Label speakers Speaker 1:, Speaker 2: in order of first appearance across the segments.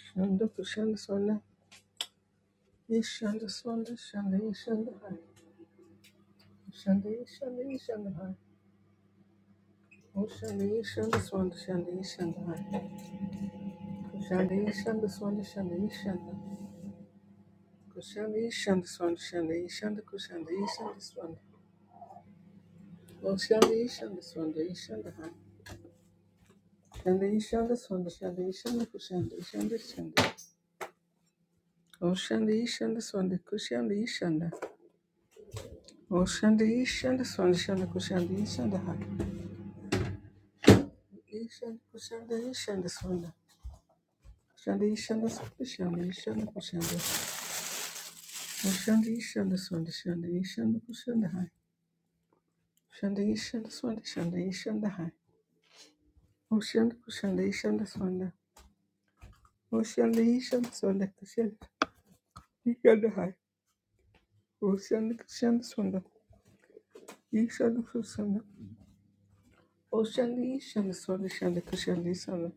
Speaker 1: Shanda Pushanda Swanda Yishanda Swanda Shanda Yishanda Hai Shanda Yishanda Yishanda Hai O Shanda Yishanda Swanda Shanda Yishanda Hai Kushanda Yishanda Swanda Shanda Yishanda Kushanda Yishanda Swanda Shanda Yishanda Kushanda Yishanda Swanda O Shanda Yishanda Swanda Yishanda Hai Shanda Yishanda Swanda Shanda Yishanda Kushanda Yishanda Shanda O Shanda Yishanda Swanda Kushanda Yishanda O Shanda Yishanda Swanda Shanda Kushanda Yishanda Ishanda kushanda ishanda swanda. Shanda ishanda swanda shanda ishanda kushanda. Mushanda ishanda swanda shanda ishanda kushanda hai. Shanda ishanda swanda shanda ishanda hai. Mushanda kushanda ishanda swanda. Mushanda ishanda swanda kushanda ishanda hai. Mushanda kushanda swanda ishanda kushanda. Oshanda ishanda swanda shanda kushanda ishanda.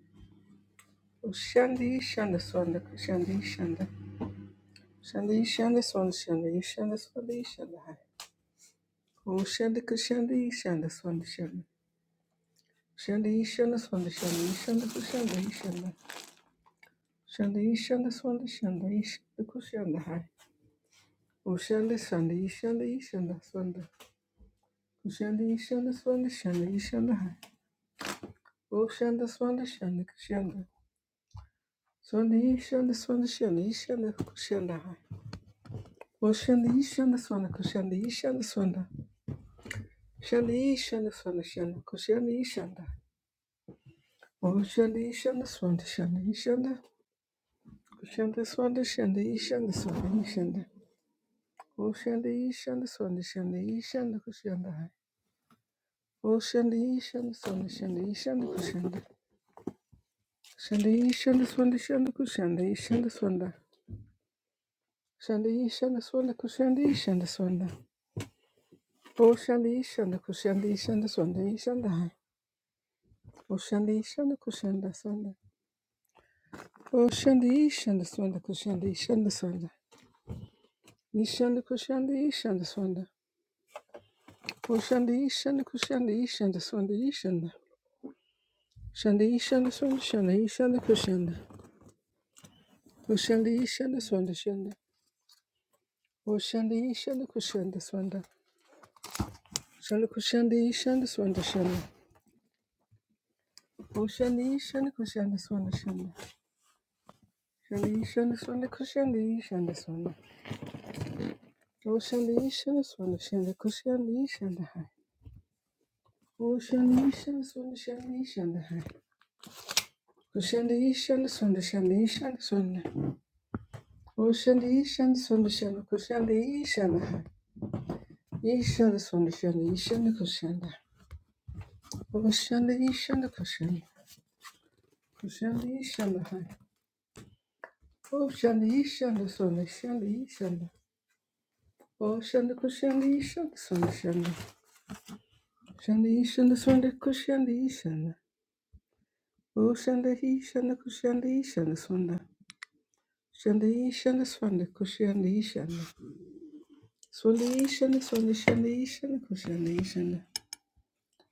Speaker 1: Oshanda ishanda swanda kushanda ishanda. Shanda ishanda swanda shanda ishanda swanda ishanda hai. Oh, shanda kushanda ishanda swanda shanda. Shanda ishanda swanda shanda ishanda kushanda ishanda. Shanda ishanda swanda shanda ishanda kushanda hai. Oh, shanda shanda ishanda ishanda swanda. Kushanda ishanda swanda shanda ishanda hai. Oh, shanda swanda shanda kushanda. Swanda ishanda swanda shanda ishanda kushanda hai. Oh, shanda ishanda swanda kushanda ishanda swanda. Shanda ishanda swanda shanda kushanda ishanda. Oh, shanda ishanda swanda shanda ishanda. Shanda swanda shanda yi shanda swanda yi shanda. O shanda yi shanda swanda shanda yi shanda kushanda hai. O shanda yi shanda swanda shanda yi shanda kushanda. Shanda yi shanda swanda shanda kushanda yi shanda swanda. Shanda yi shanda swanda kushanda yi shanda swanda. O shanda yi shanda kushanda yi shanda swanda yi shanda hai. O shanda yi shanda kushanda swanda. O shanda yi shanda swanda kushanda yi shanda swanda. Yi shanda kushanda yi shanda swanda. O shanda yi shanda kushanda yi shanda swanda yi shanda. Kände I Shanda yi shanda swanda shanda yi shanda kushanda. Kushanda yi shanda swanda shanda. O shanda yi shanda kushanda swanda. Shanda kushanda yi shanda swanda shanda. O shanda yi shanda kushanda swanda shanda. Shanda yi shanda swanda kushanda yi shanda swanda. O shanda yi shanda swanda shanda kushanda yi shanda hai. O shanda yi shanda swanda shanda yi shanda hai. Kushanda yi shanda swanda shanda yi shanda swanda. O shanda yi shanda swanda shanda kushanda yi shanda hai. Yi shanda swanda shanda yi shanda kushanda. Oshanda yishanda kushanda. Kushanda yishanda hai. Oshanda yishanda swanda shanda yishanda. Oshanda kushanda yishanda swanda shanda. Shanda yishanda swanda kushanda yishanda. Oshanda yishanda kushanda yishanda swanda. Shanda yishanda swanda kushanda yishanda. Swanda yishanda swanda shanda yishanda kushanda yishanda.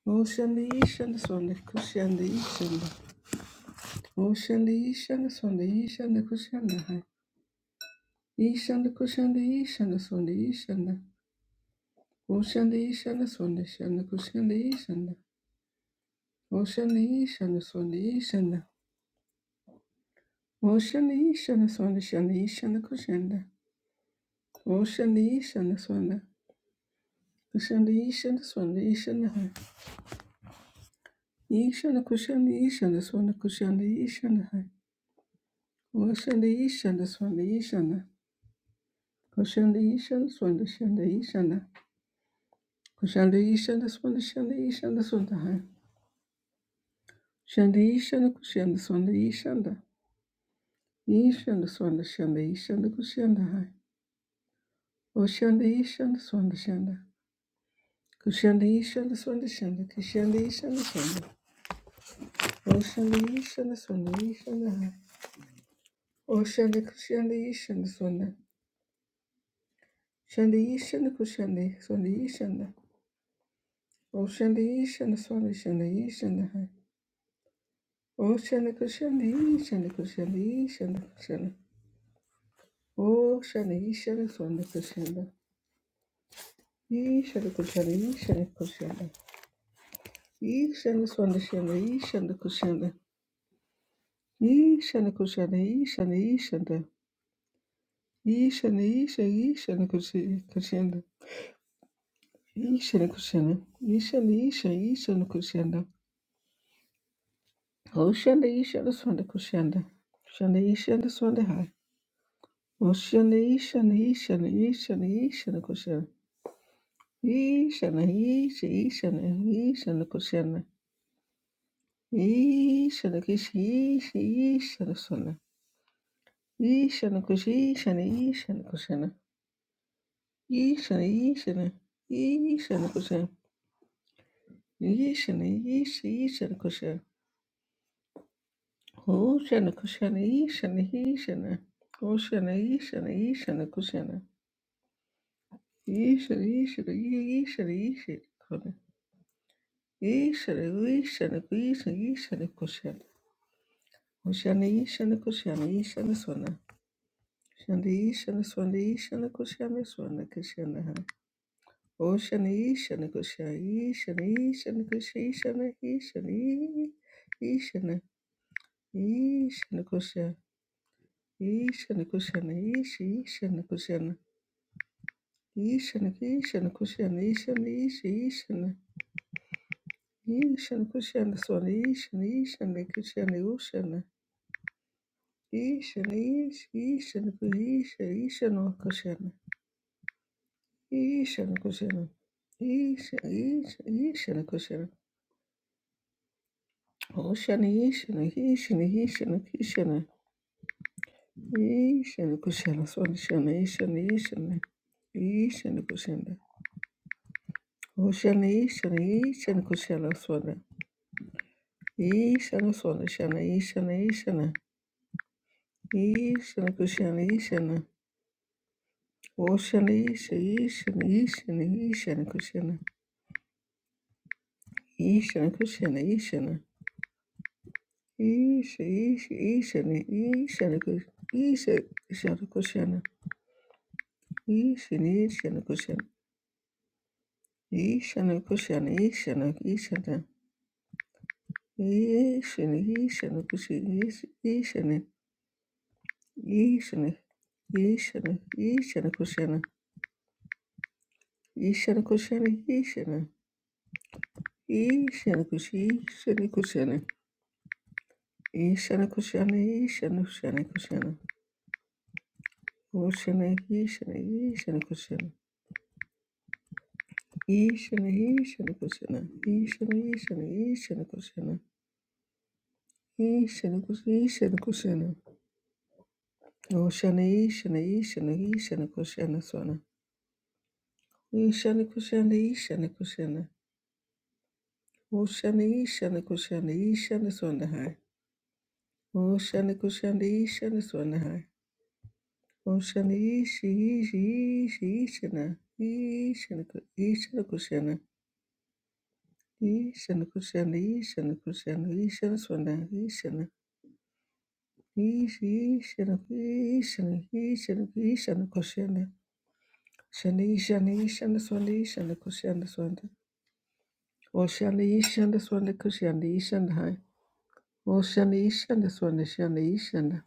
Speaker 1: Oshanda yishanda swanda kushanda yishanda. Oshanda yishanda swanda yishanda kushanda hai. Ishanda kushanda ishanda swanda ishanda. Oshanda ishanda swanda shanda kushanda ishanda. Oshanda ishanda swanda ishanda. Oshanda ishanda swanda shanda ishanda kushanda. Oshanda ishanda swanda. Kushanda ishanda swanda ishanda hai. Ishanda kushanda ishanda swanda kushanda ishanda hai. Oshanda ishanda swanda ishanda. Kushanda ishanda swanda shanda ishanda. Kushanda ishanda swanda shanda ishanda swanda hai. Shanda yishanda kushanda swanda yishanda. Yishanda swanda shanda yishanda kushanda hai. Oshanda yishanda swanda shanda. Kushanda yishanda swanda shanda. Kushanda yishanda swanda. Oshanda yishanda swanda yishanda hai. Oshanda kushanda yishanda swanda. Shanda yishanda kushanda swanda yishanda. Oshanda yishanda swanda shanda yishanda hai. Oshanda kushanda yishanda kushanda yishanda kushanda. Oshanda yishanda swanda kushanda. Ishanda kushanda, ishanda kushanda, ishanda swanda shanda, ishanda kushanda, ishanda kushanda, ishanda ishanda, ishanda isha, ishanda kushi- kushanda, ishanda kushanda, ishanda isha, ishanda kushanda, oshanda ishanda swanda kushanda, shanda ishanda swanda hai, oshanda ishanda ishanda ishanda ishanda kushanda, ishanda isha, ishanda ishanda kushanda, ishanda kishi ishi, ishanda swanda. Ishana kush, ishana, ishana kushana, ishana, ishana, ishana kushana, ishana, ish, ishana kushana, oshana kushana, ishana, ishana, oshana, ishana, ishana kushana, ishana, ishana, ishana, ishana kushana, ishana, ishana, ishana, ishana kushana, oshana, ishana kushana, ishana swana, shana, ishana swana, ishana kushana, swana kushana, Ocean Ishana Kusha Ishana Ishana Kusha Ishana Ishana Ishana Ishana Kusha Ishana Kushana Ish Ishana Kushana Ishana Ishana Kushana Ishana Ish Ishana Ishana Kushana Swana Ishana Ishana Kushana Ushana Ishana Ish Ishana Kuhisha Ishana Kushana Ishana Kushana Isha Isha Ishana Kushana, Oshana yeshana yeshana yeshana kishana yeshana kushana swanishana yeshana yeshana yeshana kushana Oshana yeshana yeshana kushana swana yeshana swanishana yeshana yeshana yeshana kushana yeshana Oshana Isha, yeshana yeshana yeshana kushana yeshana kushana yeshana Isha, Isha, yeshana yeshana kushana yeshana kushana yeshana yeshana kushana Ishana kushana ishana ishana ishana ishana kushana ishana ishana ishana ishana kushana ishana kushana ishana ishana kushana ishana kushana ishana kushana ishana kushana kushana kushana ishana ishana kushana ishana ishana kushana ishana ishana ishana kushana ishana kushana ishana kushana Oshana Ishana Ishana Ishana Kushana Swana. Ishana Kushana Ishana Kushana. Oshana Ishana Kushana Ishana Swana Hai. Oshana Kushana Ishana Swana Hai. Oshana Ishi Ishi Ishi Ishana. Ishana Ku- Ishana Kushana. Ishana Kushana Ishana Kushana Ishana Swana Ishana. Ishi Ishana Ishana Ishana Ishana Kushana. Shani Shani Shana Ishana Ishana Swana Ishana Kushana Swana. Oshanda Yishanda Swanda Kushanda Yishanda Hai. Oshanda Yishanda Swanda Shanda Yishanda.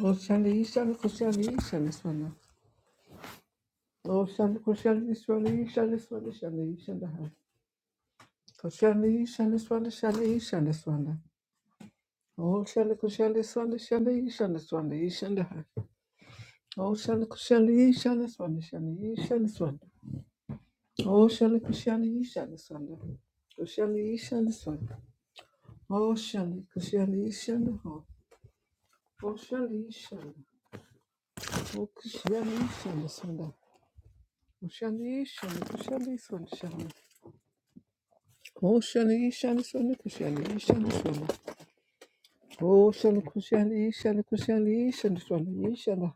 Speaker 1: Oshanda Yishanda Kushanda Yishanda Swanda. Oshanda Kushanda Swanda Yishanda Swanda Shanda Yishanda Hai. Kushanda Yishanda Swanda Shanda Yishanda Swanda. Oshanda Kushanda Swanda Shanda Yishanda Swanda Yishanda Hai. Oshanda Kushanda Yishanda Swanda Shanda Yishanda Swanda. Oshanda Kushanda Yishanda Swanda. Kushanda Yishanda Swanda. Oshanda Kushanda Yishanda Hai. Oshanda Yishanda. Kushyanishyanasana. Kushanishana, kushanisana, shana. Koshanishyanasana, kushyanishyanasana. Koshana, kushanishana, kushyanishyanasana, yishana.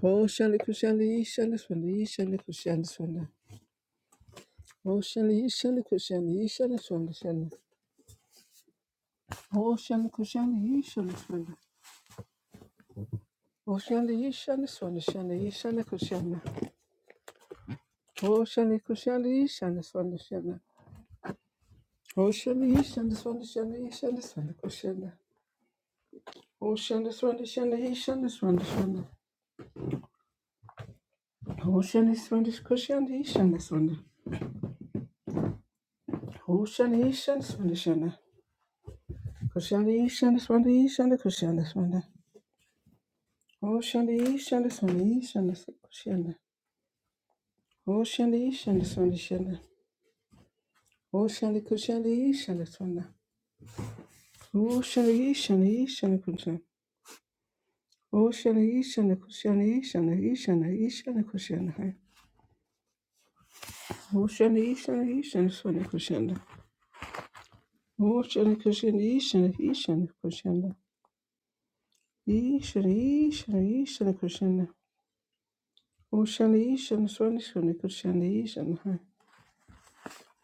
Speaker 1: Koshana, kushanishyanasana, yishana, kushyanasana. Koshanishana, kushyanishyanasana, shana. Koshana, kushanishyanasana. Koshanishyanasana, shana, yishana, kushana. Koshana, kushanishyanasana, shana. Ocean, East, and this one, Ocean, East, and this one, Ocean. Oh, shanda, swanda, shanda, he, shanda, swanda, swanda. Oh, shanda, swanda, kushanda, he, shanda, swanda. Oh, shanda, he, shanda, swanda, shanda. Kushanda, he, shanda, swanda, he, shanda, kushanda, swanda. Oh, shanda, he, shanda, swanda, he, shanda, s- kushanda. Oh, shanda, he, shanda, swanda, shanda. Oh, shanda, kushanda, he, shanda, swanda. Oh, shanda, he, shanda, he, shanda, kushanda. Oh, shanda, he, shanda, kushanda, he, shanda, he, shanda, he, shanda, kushanda, hai. Oh, shanda, he, shanda, he, shanda, swanda, kushanda. Oh, shanda, kushanda, he, shanda, he, shanda, kushanda. Ishana, Ishana, Ishana Krishna. Oshana, Ishana, Swana, Shana, Krishna, Ishana. Ha.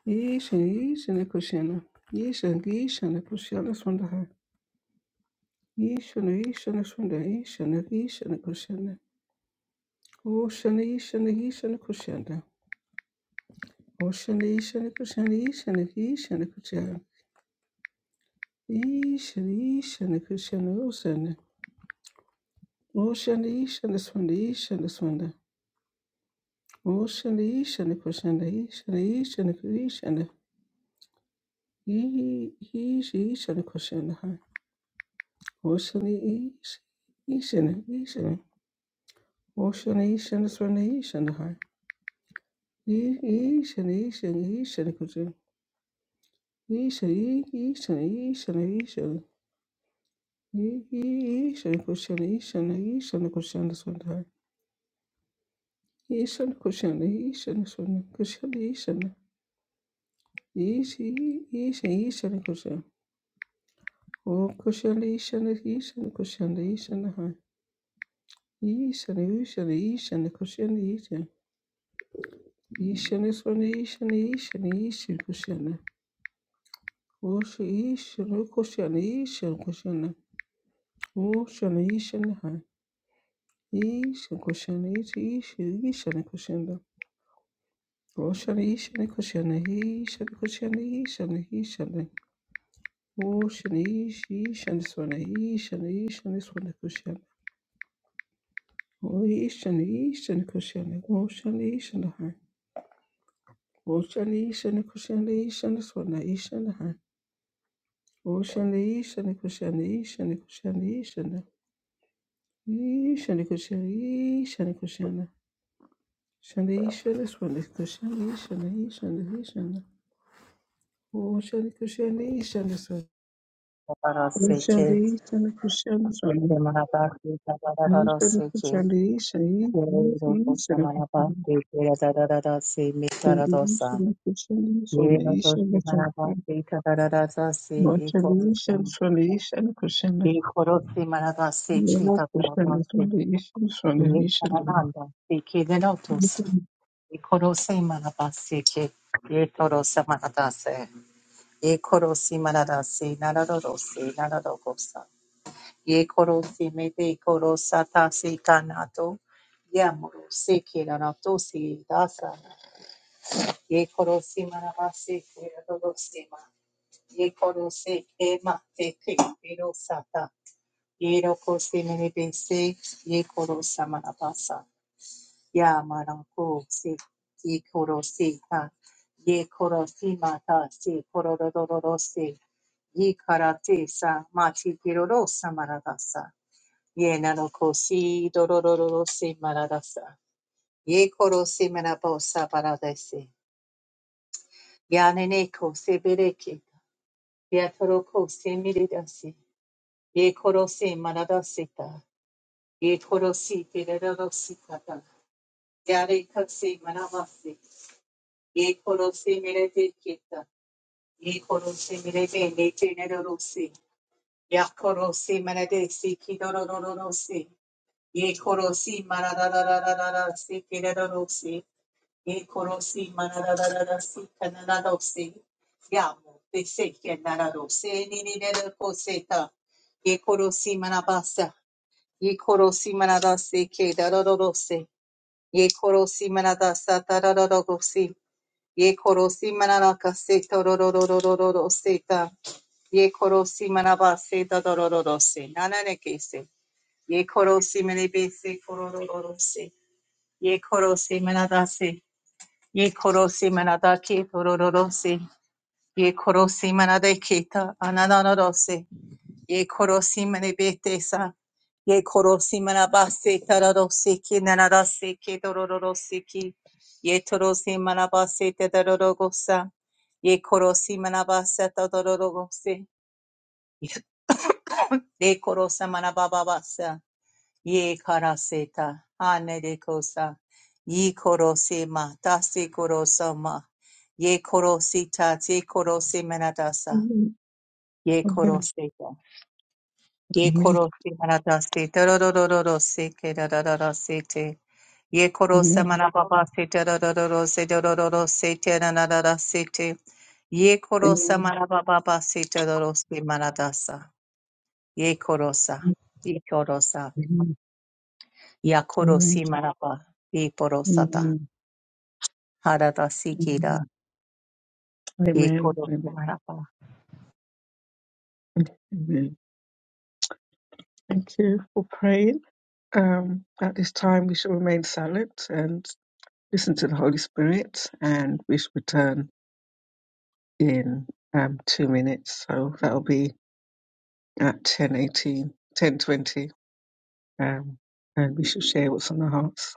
Speaker 1: Ishana, Ishana Krishna. Ishana, Ishana Krishna, Swanda. Ha. Ishana, Ishana, Swanda, Ishana, Ishana Krishna. Oshana, Ishana, Ishana Krishna. Oshana, Ishana Krishna, Ishana, Ishana Krishna. Ishana, Ishana Krishna, Oshana. Oshana, Ishana, Swanda, Ishana, Swanda. Oshana, Ishana Krishna, Ishana, Ishana Krishna. He he she should question her. Ocean ish ishin Ishan Ocean Ishan is when Ishan should her. He ishin ishin Ishan should question. He Ishan he ishin ishin ishin. He he Ishan question ishin ishin question is when her. Ishan should question ishin is when question Ishan He Ishan ishin ishin question. O question ishin Ishan question Ishan her. Ishan ishin ishin question Ishan. Ishana Swani Ishana Ishana Ishin Kushana. Wosha Ishana Kushana Ishan Kushana. Woshana Ishana Hai. Ishan Kushana Ishi Ishin Ishana Kushana. Woshana Ishana Kushana Ishana Kushana Ishana Ishana. Woshana Ishi Ishana Swani Ishana Ishana Swani Kushana. O Ishana Ishana Kushana. Woshana Ishana Hai. Woshana Ishana Kushana Ishana Swani Ishana Hai. Oshanda ishanda kushanda ishanda kushanda ishanda ishanda kushanda ishanda kushanda shanda ishanda swanda kushanda ishanda ishanda ishanda oshanda kushanda ishanda swanda oshanda
Speaker 2: Tabaraseke,
Speaker 1: ishanda kushanda swanda
Speaker 2: Tabarabaki,
Speaker 1: ishanda
Speaker 2: Tabararoseke,
Speaker 1: kushanda ishanda ishanda
Speaker 2: Yero,
Speaker 1: kushanda ishanda kushanda
Speaker 2: Tabarabaki, Tabararase,
Speaker 1: swanda ishanda swanda oshanda ishanda swanda
Speaker 2: Mitaradosa,
Speaker 1: ishanda kushanda kushanda swanda
Speaker 2: Yero,
Speaker 1: ishanda swanda ishanda
Speaker 2: Tabarabaki, Tabararase, Ikorikoma, Ikorosi, Maradase, Tabarabase, Yetaranda, Seke, Denotus, Ikorosi, Marabaseke, Yetorosa, Maradase, Ikorosi, Maradase, Naradose, Naradosa, Ye koro si me te koro sata si kanato. Ya moro si kira to si dasa. Ye koro si manama se kira todo si ma. Ye koro se ke ma te ke kiro sata. Ye roko si mene be si. Ye koro sa manapa sa. Ya maranko se Ye koro si ta. Ye koro si mata se koro do do do do si. Ye karate sa ma chi kiro ro sa Ye nanokosi dorororo si maradasa. Ye koro si manabosa paradesi. Yaneneko se bereki. Yatoroko se miridasi. Ye koro se maradasita. Ye koro si tiradositata. Yareka se manabasi. Ye koro se miredekita. Ye koro se mirede netenerosi. Yakoro si maradesi kidorororo si. Ye koro si maradadadadada si tiradorosi. Ekorosi manarararasi kanararosi. Yamo bese kenararose nininelakoseta. Ekorosi manabasa. Ekorosi manarase kedarararose. Ekorosi manadasa tararararosi. Ekorosi manarakase tararararararoseta. Ekorosi manabase tararararose. Nananekese. Ekorosi manebese korororose. Ekorosi manadase. Ye korosi manada ki torororosi. Ye korosi manade kita ananarose. Ye korosi manebete sa. Ye korosi manabase tararosi ki nanarase ki torororosi ki. Ye torosi manabase tedororogosa. Ye korosi manabase tadororogosi. Ye korosa manabababasa. Ye karaseta anerekosa. Ye korosema tase korosama. Ye korosita te korose manadasa. Ye
Speaker 1: Amen.
Speaker 2: koroseta. Ye
Speaker 1: Amen.
Speaker 2: korose manadase terorororo se kerararara se te. Ye korose
Speaker 1: Amen.
Speaker 2: manababa se terorororo se terororo se terararara se te. Ye korosa manababa se terorose manadasa. Ye korosa. Ye korosa.
Speaker 1: Amen.
Speaker 2: Yakoro
Speaker 1: Amen.
Speaker 2: Simarapa, Viporosata,
Speaker 1: Amen.
Speaker 2: Harada Sikira,
Speaker 1: Amen. Amen.
Speaker 2: Yakoro
Speaker 1: Amen.
Speaker 2: Simarapa.
Speaker 1: Amen. Thank you for praying. Um, at this time, we shall remain silent and listen to the Holy Spirit, and we shall return in um, two minutes. So that'll be at ten eighteen, ten twenty, um, and we shall share what's on our hearts.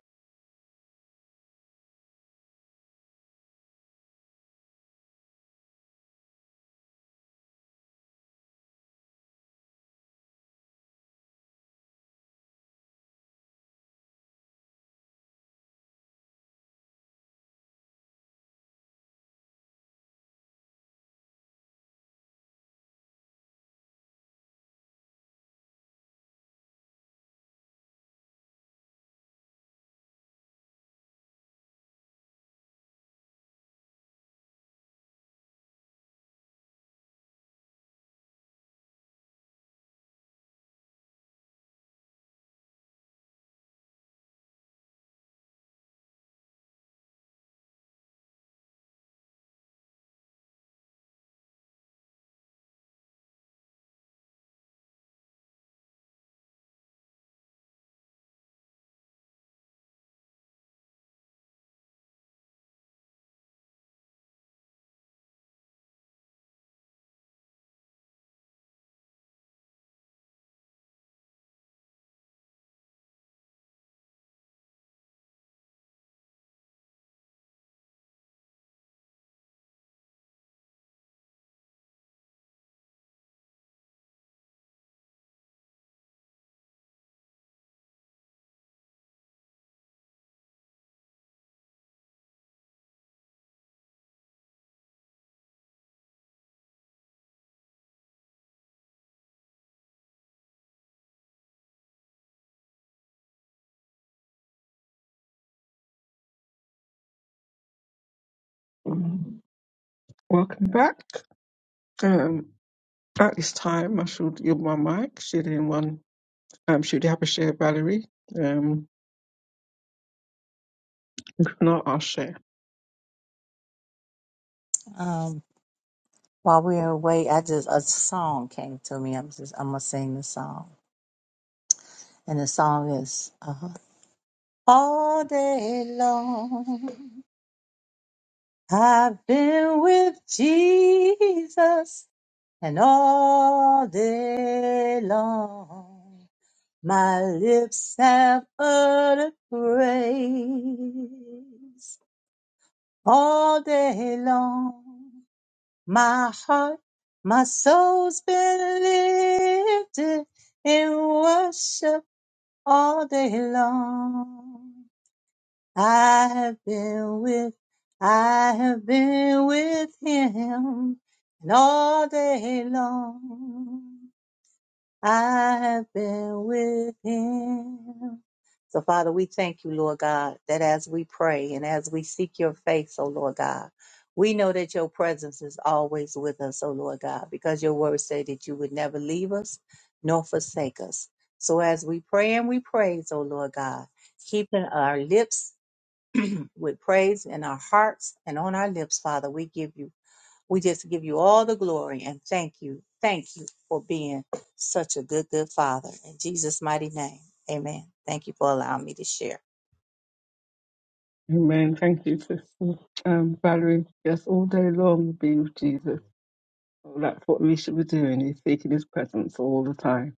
Speaker 1: Um, Welcome back. Um, at this time, I shall give my mic, should anyone Um, should you have a share, Valerie? Um, if not, I'll share.
Speaker 2: Um, while we were away, I just a song came to me. I'm just I'm gonna sing the song, and the song is uh, all day long. I've been with Jesus, and all day long, my lips have uttered praise. All day long, my heart, my soul's been lifted in worship all day long. I have been with, I have been with him and all day long. I have been with him. So, Father, we thank you, Lord God, that as we pray and as we seek your face, oh Lord God, we know that your presence is always with us, oh Lord God, because your word said that you would never leave us nor forsake us. So, as we pray and we praise, oh Lord God, keeping our lips with praise in our hearts and on our lips, Father, we give you we just give you all the glory and thank you. Thank you for being such a good, good father. In Jesus' mighty name, amen. Thank you for allowing me to share.
Speaker 1: Amen. Thank you, sister. Um, Valerie, yes, all day long be with Jesus. Well, That's what we should be doing, is seeking his presence all the time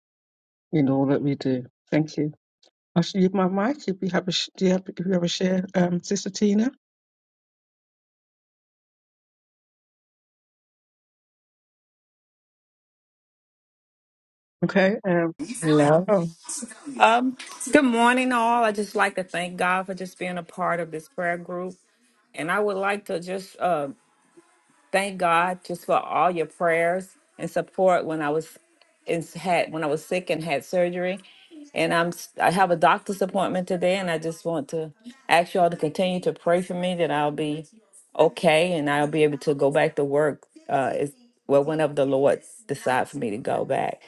Speaker 1: in all that we do. Thank you. I should leave my mic if you have a, sh- do you have, if you have a share, um, Sister Tina. Okay. Um,
Speaker 3: Hello.
Speaker 1: oh,
Speaker 3: Um, good morning, all. I just like to thank God for just being a part of this prayer group. And I would like to just uh, thank God just for all your prayers and support when I was in, had when I was sick and had surgery. And I'm s- I have a doctor's appointment today, and I just want to ask you all to continue to pray for me that I'll be okay and I'll be able to go back to work. Uh, is well, whenever the Lord decides for me to go back.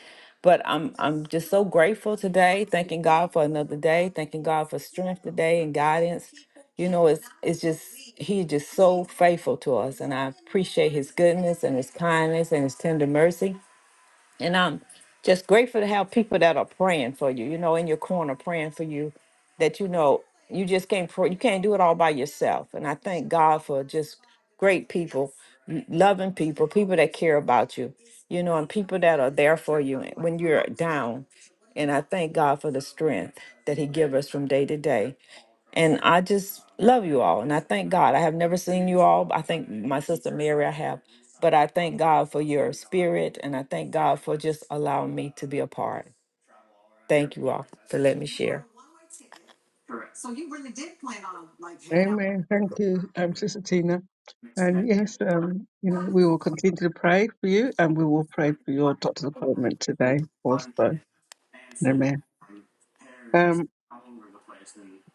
Speaker 3: But I'm I'm just so grateful today, thanking God for another day, thanking God for strength today and guidance. You know, it's it's just He just so faithful to us, and I appreciate His goodness and His kindness and His tender mercy. And I'm just grateful to have people that are praying for you, you know, in your corner praying for you that you know you just can't pray, you can't do it all by yourself. And I thank God for just great people, m- loving people, people that care about you, you know, and people that are there for you when you're down. And I thank God for the strength that He gives us from day to day. And I just love you all. And I thank God. I have never seen you all. I think my sister Mary, I have. But I thank God for your spirit. And I thank God for just allowing me to be a part. Thank you all for letting me share.
Speaker 1: amen. Thank you, um, Sister Tina. And yes, um, you know, we will continue to pray for you and we will pray for your doctor's appointment today also. Amen. Um.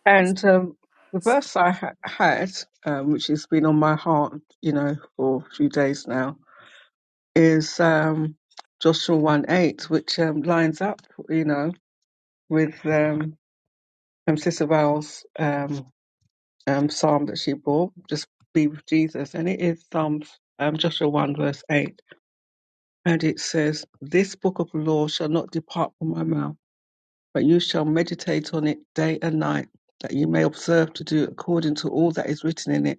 Speaker 1: And um, the verse I ha- had, um, which has been on my heart, you know, for a few days now, is um, Joshua 1 8, which um, lines up, you know, with um, um, Sister Val's um, um, psalm that she brought, Just Be with Jesus. And it is Psalms, um, Joshua 1, verse 8. And it says, This book of law shall not depart from my mouth, but you shall meditate on it day and night, that you may observe to do according to all that is written in it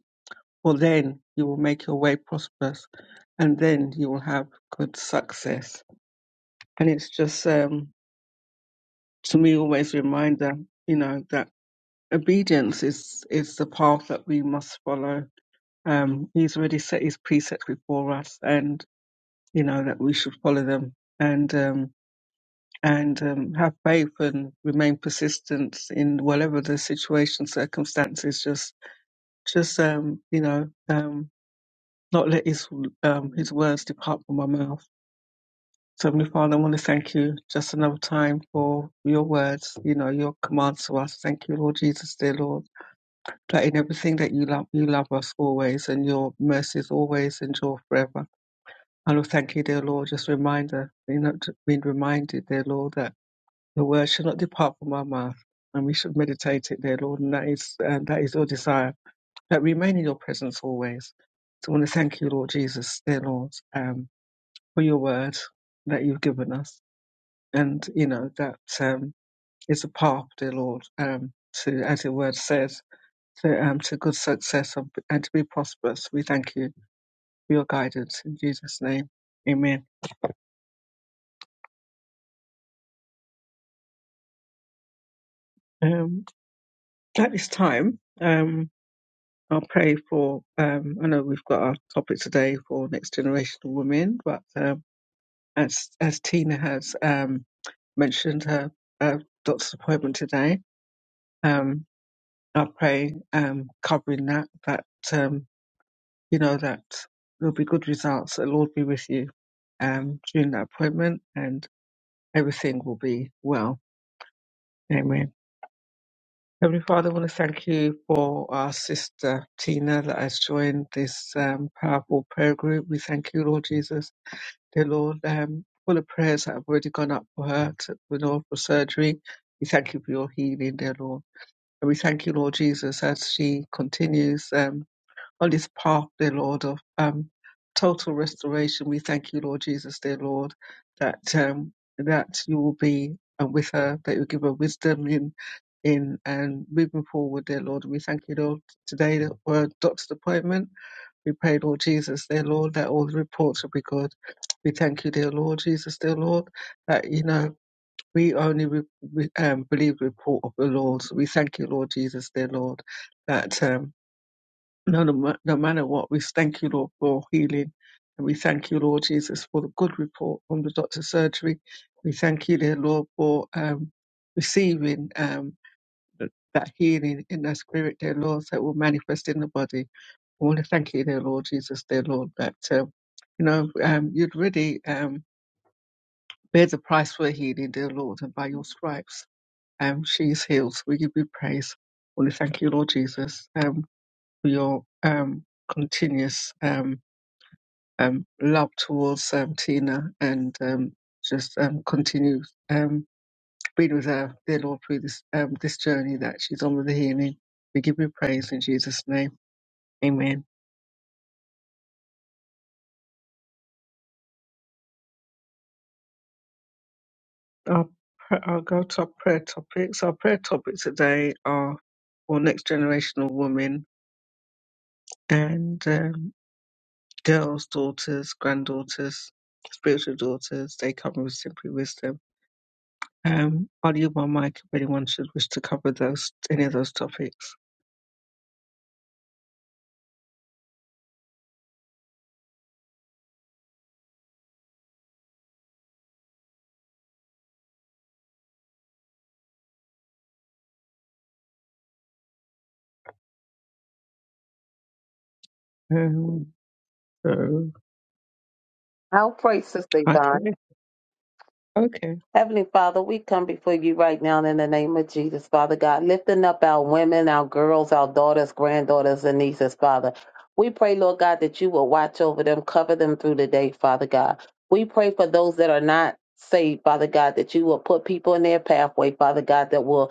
Speaker 1: for then you will make your way prosperous and then you will have good success. And it's just um, to me always a reminder, you know, that obedience is is the path that we must follow. Um, he's already set his precepts before us, and you know that we should follow them and um, and um, have faith and remain persistent in whatever the situation, circumstances. Just just um, you know um, not let his um, his words depart from my mouth So, Heavenly Father, I want to thank you just another time for your words, you know, your commands to us. Thank you, Lord Jesus, dear Lord, that in everything that you love, you love us always and your mercies always endure forever. And Lord, thank you, dear Lord, just reminder, you know, to- being reminded, dear Lord, that the word should not depart from our mouth and we should meditate it, dear Lord, and that is, and that is your desire, that remain in your presence always. So I want to thank you, Lord Jesus, dear Lord, um, for your word that you've given us and you know that um, is a path, dear Lord, um, to as your word says, to um, to good success and and to be prosperous. We thank you for your guidance in Jesus' name, Amen. Um, at this time, um, I'll pray for. Um, I know we've got our topic today for next generation of women, but um, as as Tina has um, mentioned her uh, doctor's appointment today, um, I pray um, covering that that. Um, you know that there'll be good results. The Lord be with you um, during that appointment, and everything will be well. Amen. Heavenly Father, I want to thank you for our sister Tina that has joined this um, powerful prayer group. We thank you, Lord Jesus, dear Lord, um, for the prayers that have already gone up for her, to the Lord for surgery. We thank you for your healing, dear Lord. And we thank you, Lord Jesus, as she continues. Um, on this path, dear Lord, of um, total restoration. We thank you, Lord Jesus, dear Lord, that um, that you will be uh, with her, that you give her wisdom in in and moving forward, dear Lord. We thank you, Lord, today for her doctor's appointment. We pray, Lord Jesus, dear Lord, that all the reports will be good. We thank you, dear Lord Jesus, dear Lord, that you know we only re- re- um, believe the report of the Lord. So we thank you, Lord Jesus, dear Lord, that. Um, no, no, ma- no matter what, we thank you, Lord, for healing. And we thank you, Lord Jesus, for the good report from the doctor's surgery. We thank you, dear Lord, for um, receiving um, th- that healing in the spirit, dear Lord, that will manifest in the body. I want to thank you, dear Lord Jesus, dear Lord, that, um, you know, um, you'd really um, bear the price for healing, dear Lord, and by your stripes, um, she is healed. We give you praise. I want to thank you, Lord Jesus, um, for your um, continuous. Um, um, love towards um, Tina and um, just um, continue um, being with her, dear Lord, through this um, this journey that she's on with the healing. We give you praise in Jesus' name. Amen. Our, pr- I'll go to our prayer topics. Our prayer topics today are for next generational women and um, girls, daughters, granddaughters, spiritual daughters. They come with simply wisdom. Um, I'll use my mic if anyone should wish to cover those any of those topics. Um, Oh,
Speaker 4: I'll pray, Sister Yvonne.
Speaker 1: okay. Okay.
Speaker 4: Heavenly Father, we come before you right now in the name of Jesus, Father God, lifting up our women, our girls, our daughters, granddaughters, and nieces, Father. We pray, Lord God, that you will watch over them, cover them through the day, Father God. We pray for those that are not saved, Father God, that you will put people in their pathway, Father God, that will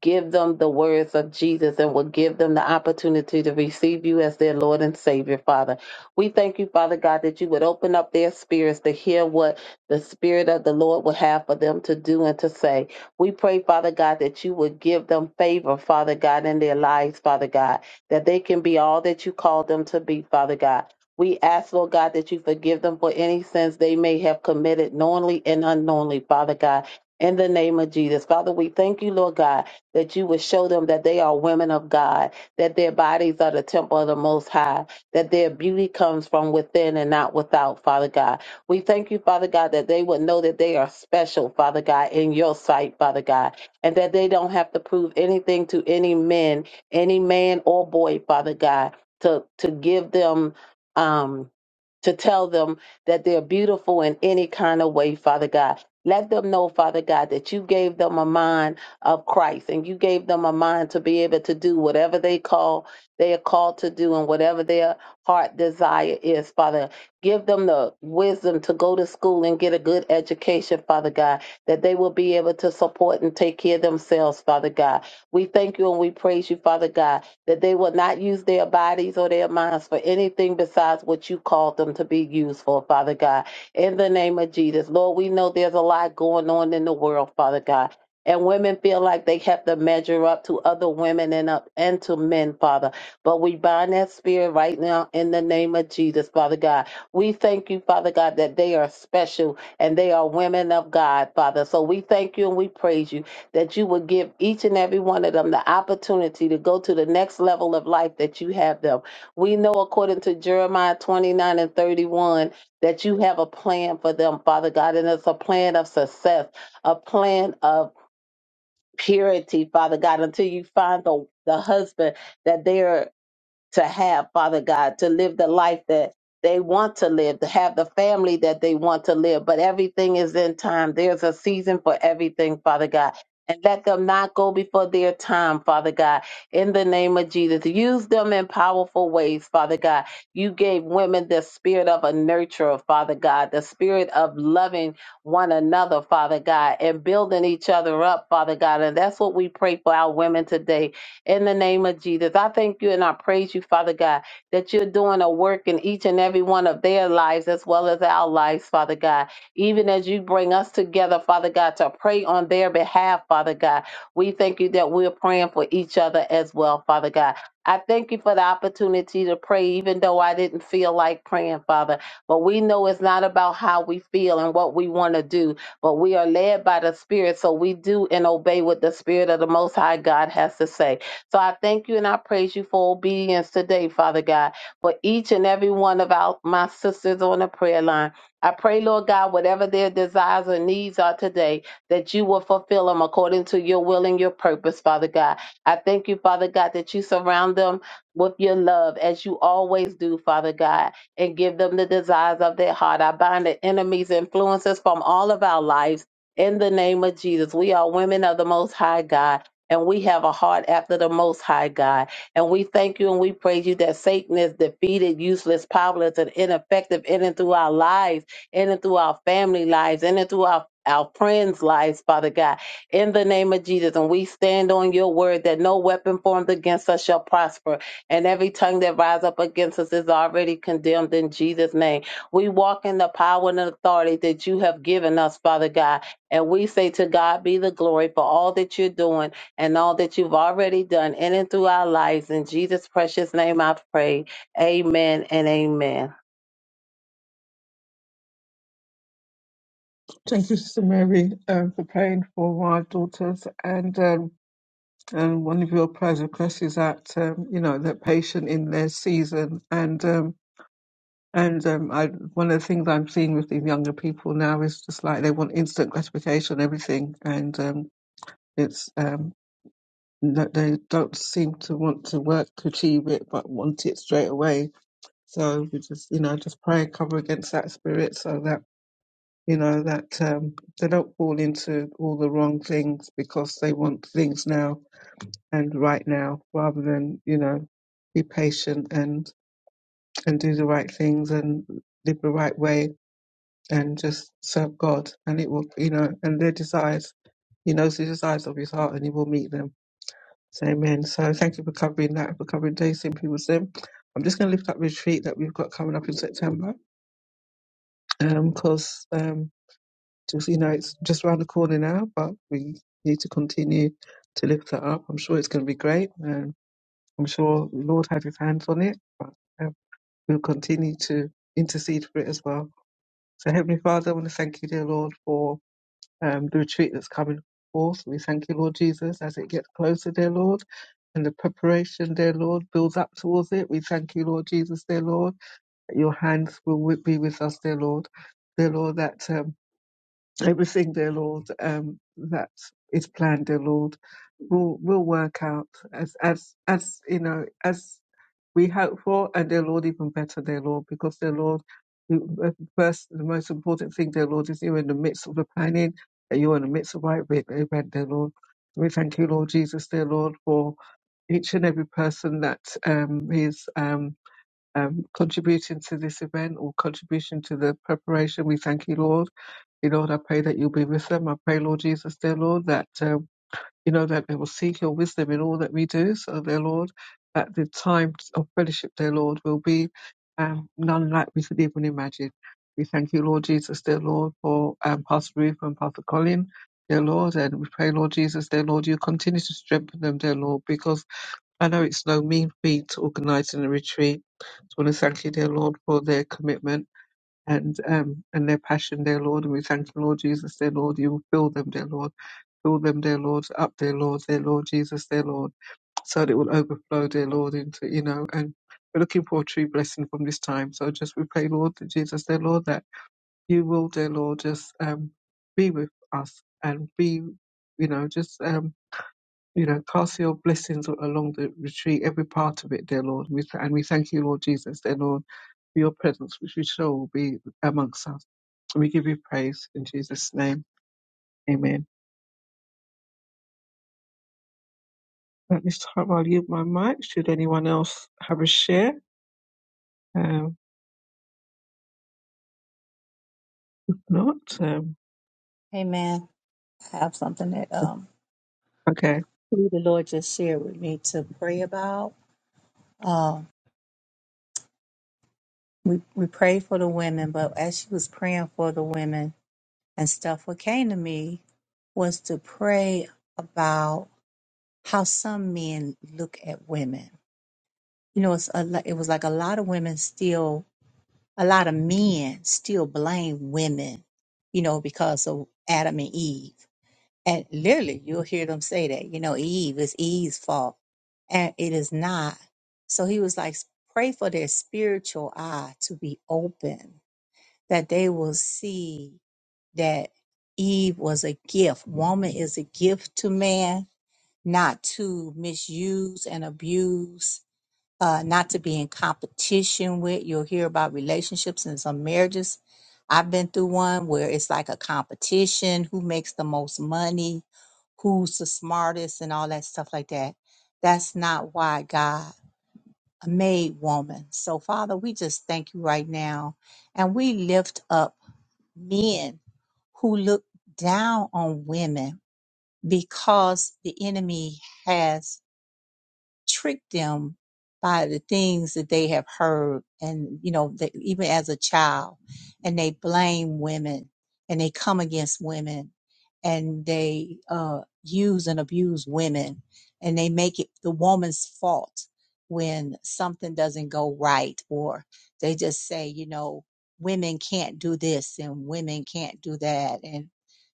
Speaker 4: Give them the words of Jesus and will give them the opportunity to receive you as their Lord and Savior, Father. We thank you, Father God, that you would open up their spirits to hear what the Spirit of the Lord would have for them to do and to say. We pray, Father God, that you would give them favor, Father God, in their lives, Father God, that they can be all that you called them to be, Father God. We ask, Lord God, that you forgive them for any sins they may have committed knowingly and unknowingly, Father God. In the name of Jesus. Father, we thank you, Lord God that you would show them that they are women of God, that their bodies are the temple of the Most High, that their beauty comes from within and not without, Father God. We thank you, Father God, that they would know that they are special, Father God, in your sight, Father God, and that they don't have to prove anything to any men, any man or boy, Father God, to, to give them, um, to tell them that they're beautiful in any kind of way, Father God. Let them know, Father God, that you gave them a mind of Christ. And you gave them a mind to be able to do whatever they call they are called to do and whatever their heart desire is, Father. Give them the wisdom to go to school and get a good education, Father God, that they will be able to support and take care of themselves, Father God. We thank you and we praise you, Father God, that they will not use their bodies or their minds for anything besides what you called them to be used for, Father God. In the name of Jesus, Lord, we know there's a lot going on in the world, Father God and women feel like they have to measure up to other women and up and to men, Father. But we bind that spirit right now in the name of Jesus, Father God. We thank you, Father God, that they are special and they are women of God, Father. So we thank you and we praise you that you would give each and every one of them the opportunity to go to the next level of life that you have them. We know according to Jeremiah 29 and 31 that you have a plan for them, Father God, and it's a plan of success, a plan of purity, Father God, until you find the, the husband that they are to have, Father God, to live the life that they want to live, to have the family that they want to live. But everything is in time. There's a season for everything, Father God. And let them not go before their time, Father God, in the name of Jesus. Use them in powerful ways, Father God. You gave women the spirit of a nurturer, Father God, the spirit of loving one another, Father God, and building each other up, Father God. And that's what we pray for our women today in the name of Jesus. I thank you and I praise you, Father God, that you're doing a work in each and every one of their lives as well as our lives, Father God. Even as you bring us together, Father God, to pray on their behalf, Father God, we thank you that we're praying for each other as well, Father God. I thank you for the opportunity to pray, even though I didn't feel like praying, Father. But we know it's not about how we feel and what we want to do, but we are led by the Spirit, so we do and obey what the Spirit of the Most High God has to say. So I thank you and I praise you for obedience today, Father God, for each and every one of our, my sisters on the prayer line. I pray, Lord God, whatever their desires or needs are today, that you will fulfill them according to your will and your purpose, Father God. I thank you, Father God, that you surround them with your love as you always do, Father God, and give them the desires of their heart. I bind the enemy's influences from all of our lives. In the name of Jesus, we are women of the Most High God and we have a heart after the Most High God. And we thank you and we praise you that Satan is defeated, useless, powerless, and ineffective in and through our lives, in and through our family lives, in and through our our friends' lives, Father God, in the name of Jesus. And we stand on your word that no weapon formed against us shall prosper, and every tongue that rise up against us is already condemned in Jesus' name. We walk in the power and authority that you have given us, Father God. And we say to God be the glory for all that you're doing and all that you've already done in and through our lives. In Jesus' precious name I pray. Amen and amen.
Speaker 1: Thank you, Sister Mary, um, for praying for our daughters. And um, and one of your prayer requests is that um, you know that patient in their season. And um, and um, I, one of the things I'm seeing with these younger people now is just like they want instant gratification, on everything, and um, it's um, that they don't seem to want to work to achieve it, but want it straight away. So we just you know just pray and cover against that spirit, so that you know that um, they don't fall into all the wrong things because they want things now and right now rather than you know be patient and and do the right things and live the right way and just serve god and it will you know and their desires he knows the desires of his heart and he will meet them so amen so thank you for covering that for covering day simply with i'm just going to lift up retreat that we've got coming up in september because um, 'cause, um, Just you know, it's just around the corner now, but we need to continue to lift that up. I'm sure it's going to be great, and I'm sure the Lord had His hands on it. But um, we'll continue to intercede for it as well. So, Heavenly Father, I want to thank you, dear Lord, for um, the retreat that's coming forth. We thank you, Lord Jesus, as it gets closer, dear Lord. And the preparation, dear Lord, builds up towards it. We thank you, Lord Jesus, dear Lord, that your hands will wi- be with us, dear Lord. Dear Lord, that um, everything, dear Lord, um, that is planned, dear Lord, will will work out as as as you know as we hope for, and dear Lord, even better, dear Lord, because dear Lord, you- uh, first the most important thing, dear Lord, is you're in the midst of the planning, and you're in the midst of right ev- event, dear Lord. We thank you, Lord Jesus, dear Lord, for each and every person that um, is um, um, contributing to this event or contribution to the preparation. We thank you, Lord. You Lord, I pray that you'll be with them. I pray, Lord Jesus, dear Lord, that um, you know that they will seek your wisdom in all that we do. So, dear Lord, that the time of fellowship, dear Lord, will be um, none like we could even imagine. We thank you, Lord Jesus, dear Lord, for um, Pastor Ruth and Pastor Colin, dear Lord, and we pray, Lord Jesus, dear Lord, you continue to strengthen them, dear Lord, because I know it's no mean feat organising a retreat. So I want to thank you, dear Lord, for their commitment and um and their passion, dear Lord. And we thank you, Lord Jesus, dear Lord. You will fill them, dear Lord. Fill them, dear Lord, up, dear Lord, dear Lord Jesus, dear Lord, so that it will overflow, dear Lord, into you know. And we're looking for a true blessing from this time. So just we pray, Lord that Jesus, dear Lord, that you will, dear Lord, just um be with us and be, you know, just um you know, cast your blessings along the retreat, every part of it, dear Lord. We th- and we thank you, Lord Jesus, dear Lord, for your presence, which we sure will be amongst us. We give you praise in Jesus' name. Amen. At this time, I'll yield my mic. Should anyone else have a share? Um, not? Um,
Speaker 2: Amen. I have something that um,
Speaker 1: okay.
Speaker 2: who the Lord just shared with me to pray about. Um, we, we prayed for the women, but as she was praying for the women and stuff, what came to me was to pray about how some men look at women. You know, it's a, lo- it was like a lot of women still a lot of men still blame women, you know, because of Adam and Eve. And literally, you'll hear them say that, you know, Eve is Eve's fault. And it is not. So he was like, pray for their spiritual eye to be open, that they will see that Eve was a gift. Woman is a gift to man, not to misuse and abuse uh, not to be in competition with. You'll hear about relationships and some marriages. I've been through one where it's like a competition who makes the most money, who's the smartest, and all that stuff like that. That's not why God made woman. So, Father, we just thank you right now. And we lift up men who look down on women because the enemy has trick them by the things that they have heard and you know that even as a child and they blame women and they come against women and they uh, use and abuse women and they make it the woman's fault when something doesn't go right or they just say you know women can't do this and women can't do that and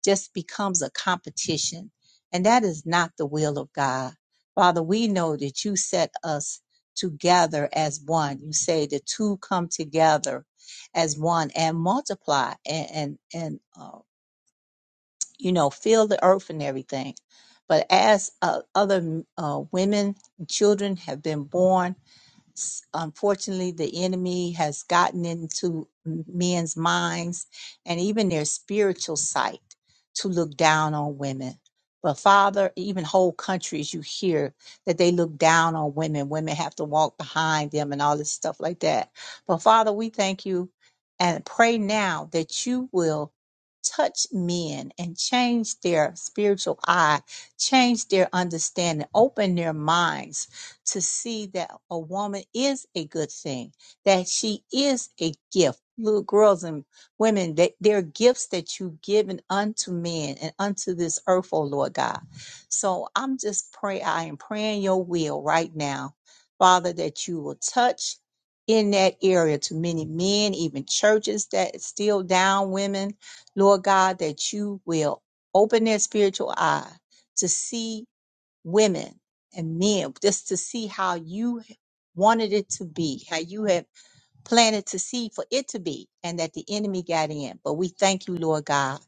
Speaker 2: just becomes a competition and that is not the will of god Father, we know that you set us together as one. You say the two come together as one and multiply and and, and uh, you know fill the earth and everything. But as uh, other uh, women, and children have been born s- unfortunately the enemy has gotten into m- men's minds and even their spiritual sight to look down on women but father even whole countries you hear that they look down on women women have to walk behind them and all this stuff like that but father we thank you and pray now that you will touch men and change their spiritual eye change their understanding open their minds to see that a woman is a good thing, that she is a gift. Little girls and women, that they're gifts that you've given unto men and unto this earth, oh Lord God. So I'm just praying. I am praying your will right now, Father, that you will touch in that area to many men, even churches that still down women, Lord God, that you will open their spiritual eye to see women and men just to see how you wanted it to be, how you had planted to see for it to be, and that the enemy got in. But we thank you, Lord God,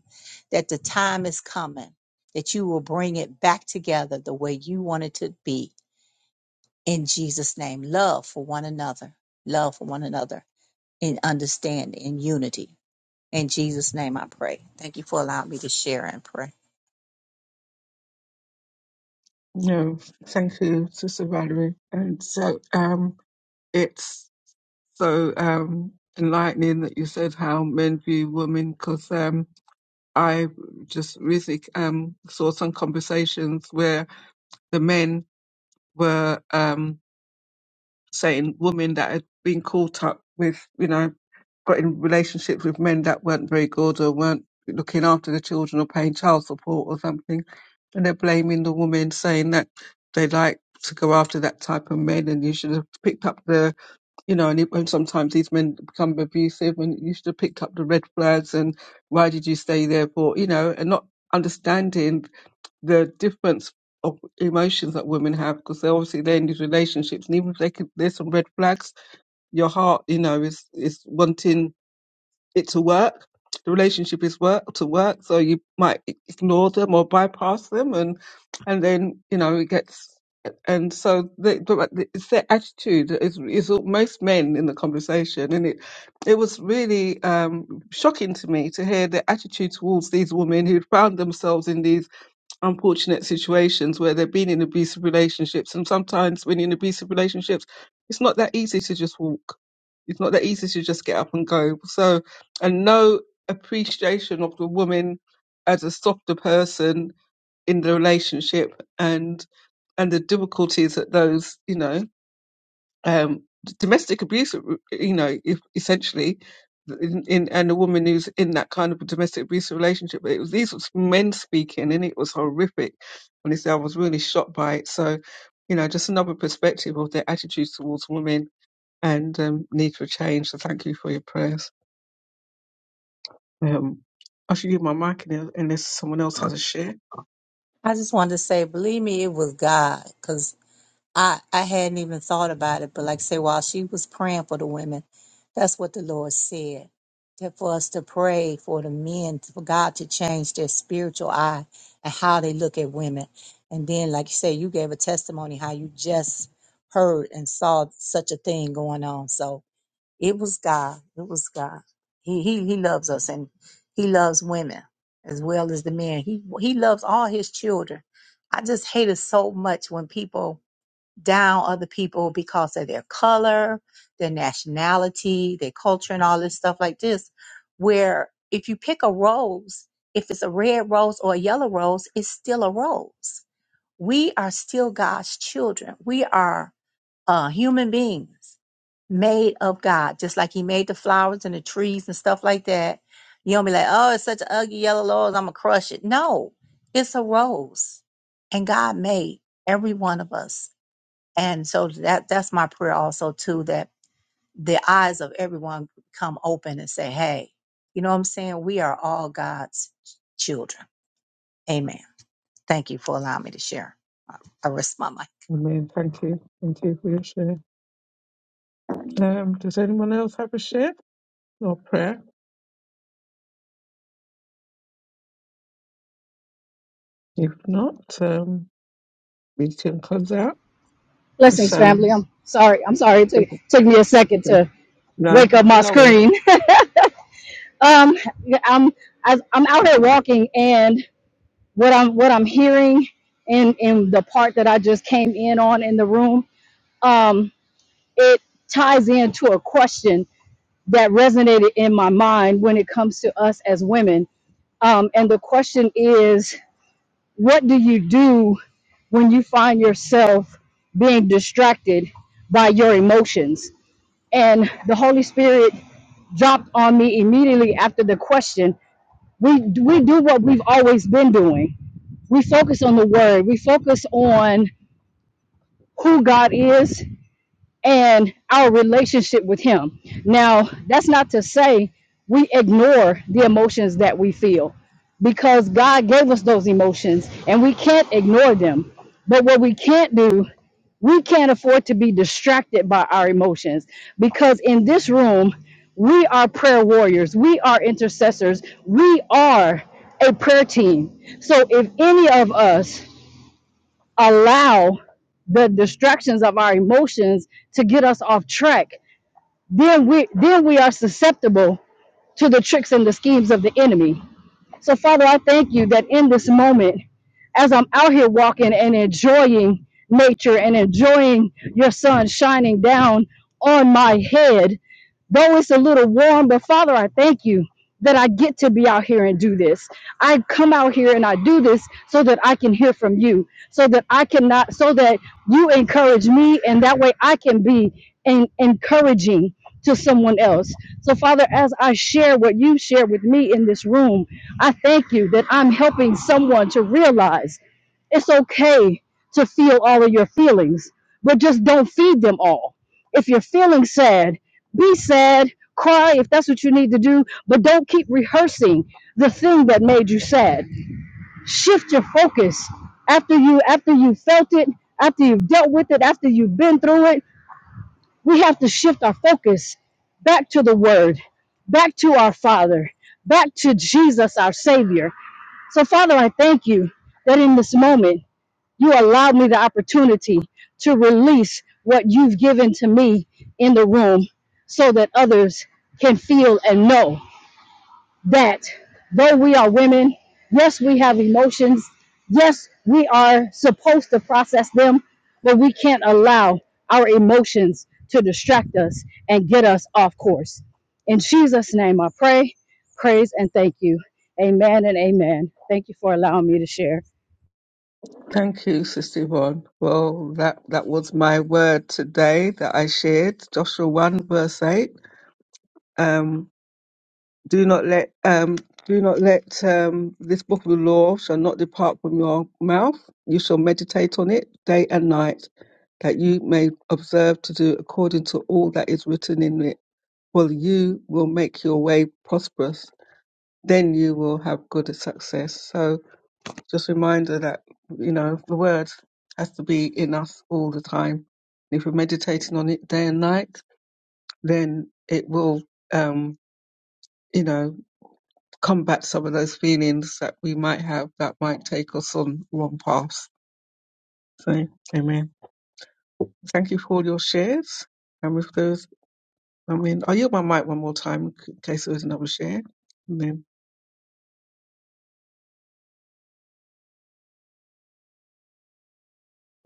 Speaker 2: that the time is coming, that you will bring it back together the way you want it to be. In Jesus' name, love for one another, love for one another in understanding, in unity. In Jesus' name, I pray. Thank you for allowing me to share and pray.
Speaker 1: No. Thank you, Sister Valerie. And so um, it's so um, enlightening that you said how men view women because. um, I just recently um, saw some conversations where the men were. Um, saying women that had been caught up with, you know, got in relationships with men that weren't very good or weren't looking after the children or paying child support or something. And they're blaming the woman, saying that they like to go after that type of men and you should have picked up the, you know, and, it, and sometimes these men become abusive and you should have picked up the red flags and why did you stay there for, you know, and not understanding the difference of emotions that women have because they're obviously they're in these relationships and even if they could there's some red flags your heart you know is is wanting it to work the relationship is work to work so you might ignore them or bypass them and and then you know it gets and so the, the, it's their attitude is is most men in the conversation and it it was really um shocking to me to hear their attitude towards these women who'd found themselves in these unfortunate situations where they've been in abusive relationships. And sometimes when you're in abusive relationships, it's not that easy to just walk. It's not that easy to just get up and go. So, and no appreciation of the woman as a softer person in the relationship and and the difficulties that those, you know um, domestic abuse, uh, you know, if, essentially, in, in, and a woman who's in that kind of a domestic abuse relationship. But it was these was men speaking, and it was horrific. Honestly, I was really shocked by it. So, you know, just another perspective of their attitudes towards women and um, need for change. So, thank you for your prayers. Um, I should give my mic in- unless someone else has a share.
Speaker 2: I just wanted to say, believe me, it was God, because. I I hadn't even thought about it, but like I say, while she was praying for the women, that's what the Lord said. That for us to pray for the men, for God to change their spiritual eye and how they look at women. And then, like you say, you gave a testimony how you just heard and saw such a thing going on. So it was God. It was God. He he he loves us and he loves women as well as the men. He he loves all his children. I just hate it so much when people down other people because of their color, their nationality, their culture, and all this stuff like this. Where if you pick a rose, if it's a red rose or a yellow rose, it's still a rose. We are still God's children. We are uh, human beings made of God, just like He made the flowers and the trees and stuff like that. You don't be like, oh, it's such an ugly yellow rose, I'm going to crush it. No, it's a rose. And God made every one of us and so that that's my prayer also too that the eyes of everyone come open and say, "Hey, you know what I'm saying? We are all God's children." Amen. Thank you for allowing me to share. I I rest my mind.
Speaker 1: Amen. Thank you. Thank you for your share. Um, does anyone else have a share or prayer? If not, meeting comes out. It's,
Speaker 5: Blessings, family.
Speaker 1: um,
Speaker 5: I'm sorry. I'm sorry. It took, took me a second
Speaker 1: okay.
Speaker 5: to
Speaker 1: no,
Speaker 5: wake up my
Speaker 1: no. worries.
Speaker 5: screen. um, I'm as I'm out here walking, and what I'm what I'm hearing, and and the part that I just came in on in the room, um, it ties into a question that resonated in my mind when it comes to us as women. Um, and the question is, what do you do when you find yourself being distracted by your emotions? and the Holy Spirit dropped on me immediately after the question. We we do what we've always been doing. We focus on the word. We focus on who God is and our relationship with Him. Now, that's not to say we ignore the emotions that we feel because God gave us those emotions and we can't ignore them. But what we can't do, we can't afford to be distracted by our emotions because in this room, we are prayer warriors, we are intercessors, we are a prayer team. So if any of us allow the distractions of our emotions to get us off track, then we then we are susceptible to the tricks and the schemes of the enemy. So Father, I thank you that in this moment, as I'm out here walking and enjoying nature and enjoying your sun shining down on my head, Though it's a little warm, but Father, I thank you that I get to be out here and do this. I come out here and I do this so that I can hear from you, so that I cannot, so that you encourage me, and that way I can be en- encouraging to someone else. So, Father, as I share what you share with me in this room, I thank you that I'm helping someone to realize. It's okay to feel all of your feelings, but just don't feed them all. If you're feeling sad, be sad, cry if that's what you need to do, but don't keep rehearsing the thing that made you sad. Shift your focus after you after you felt it, after you've dealt with it, after you've been through it. We have to shift our focus back to the word, back to our Father, back to Jesus our savior. So Father, I thank you that in this moment you allowed me the opportunity to release what you've given to me in the room so that others can feel and know that though we are women, yes, we have emotions, yes, we are supposed to process them, but we can't allow our emotions to distract us and get us off course. In Jesus' name, I pray, praise, and thank you. Amen and amen. Thank you for allowing me to share.
Speaker 1: Thank you, Sister Yvonne. Well, that, that was my word today that I shared, Joshua 1 verse 8. Um, do not let, um, do not let um, this book of the law shall not depart from your mouth. You shall meditate on it day and night, that you may observe to do according to all that is written in it. For you will make your way prosperous, then you will have good success. So Just reminder that, you know, the word has to be in us all the time. if we're meditating on it day and night, then it will, um, you know, combat some of those feelings that we might have that might take us on wrong paths. So, amen. Thank you for all your shares. And with those, I mean, I'll yield my mic one more time in case there is another share. And then,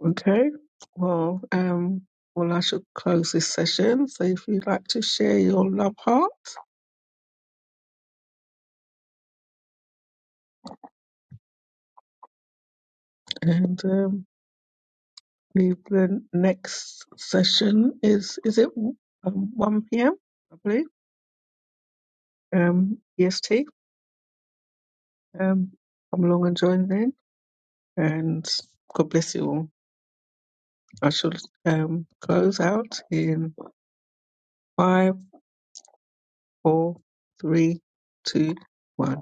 Speaker 1: okay. Well, um, well, I should close this session. So if you'd like to share your love heart. And um, the, the next session is is it um, one p.m. I believe um, EST. Um, come along and join then. And God bless you all. I shall um, close out in five, four, three, two, one.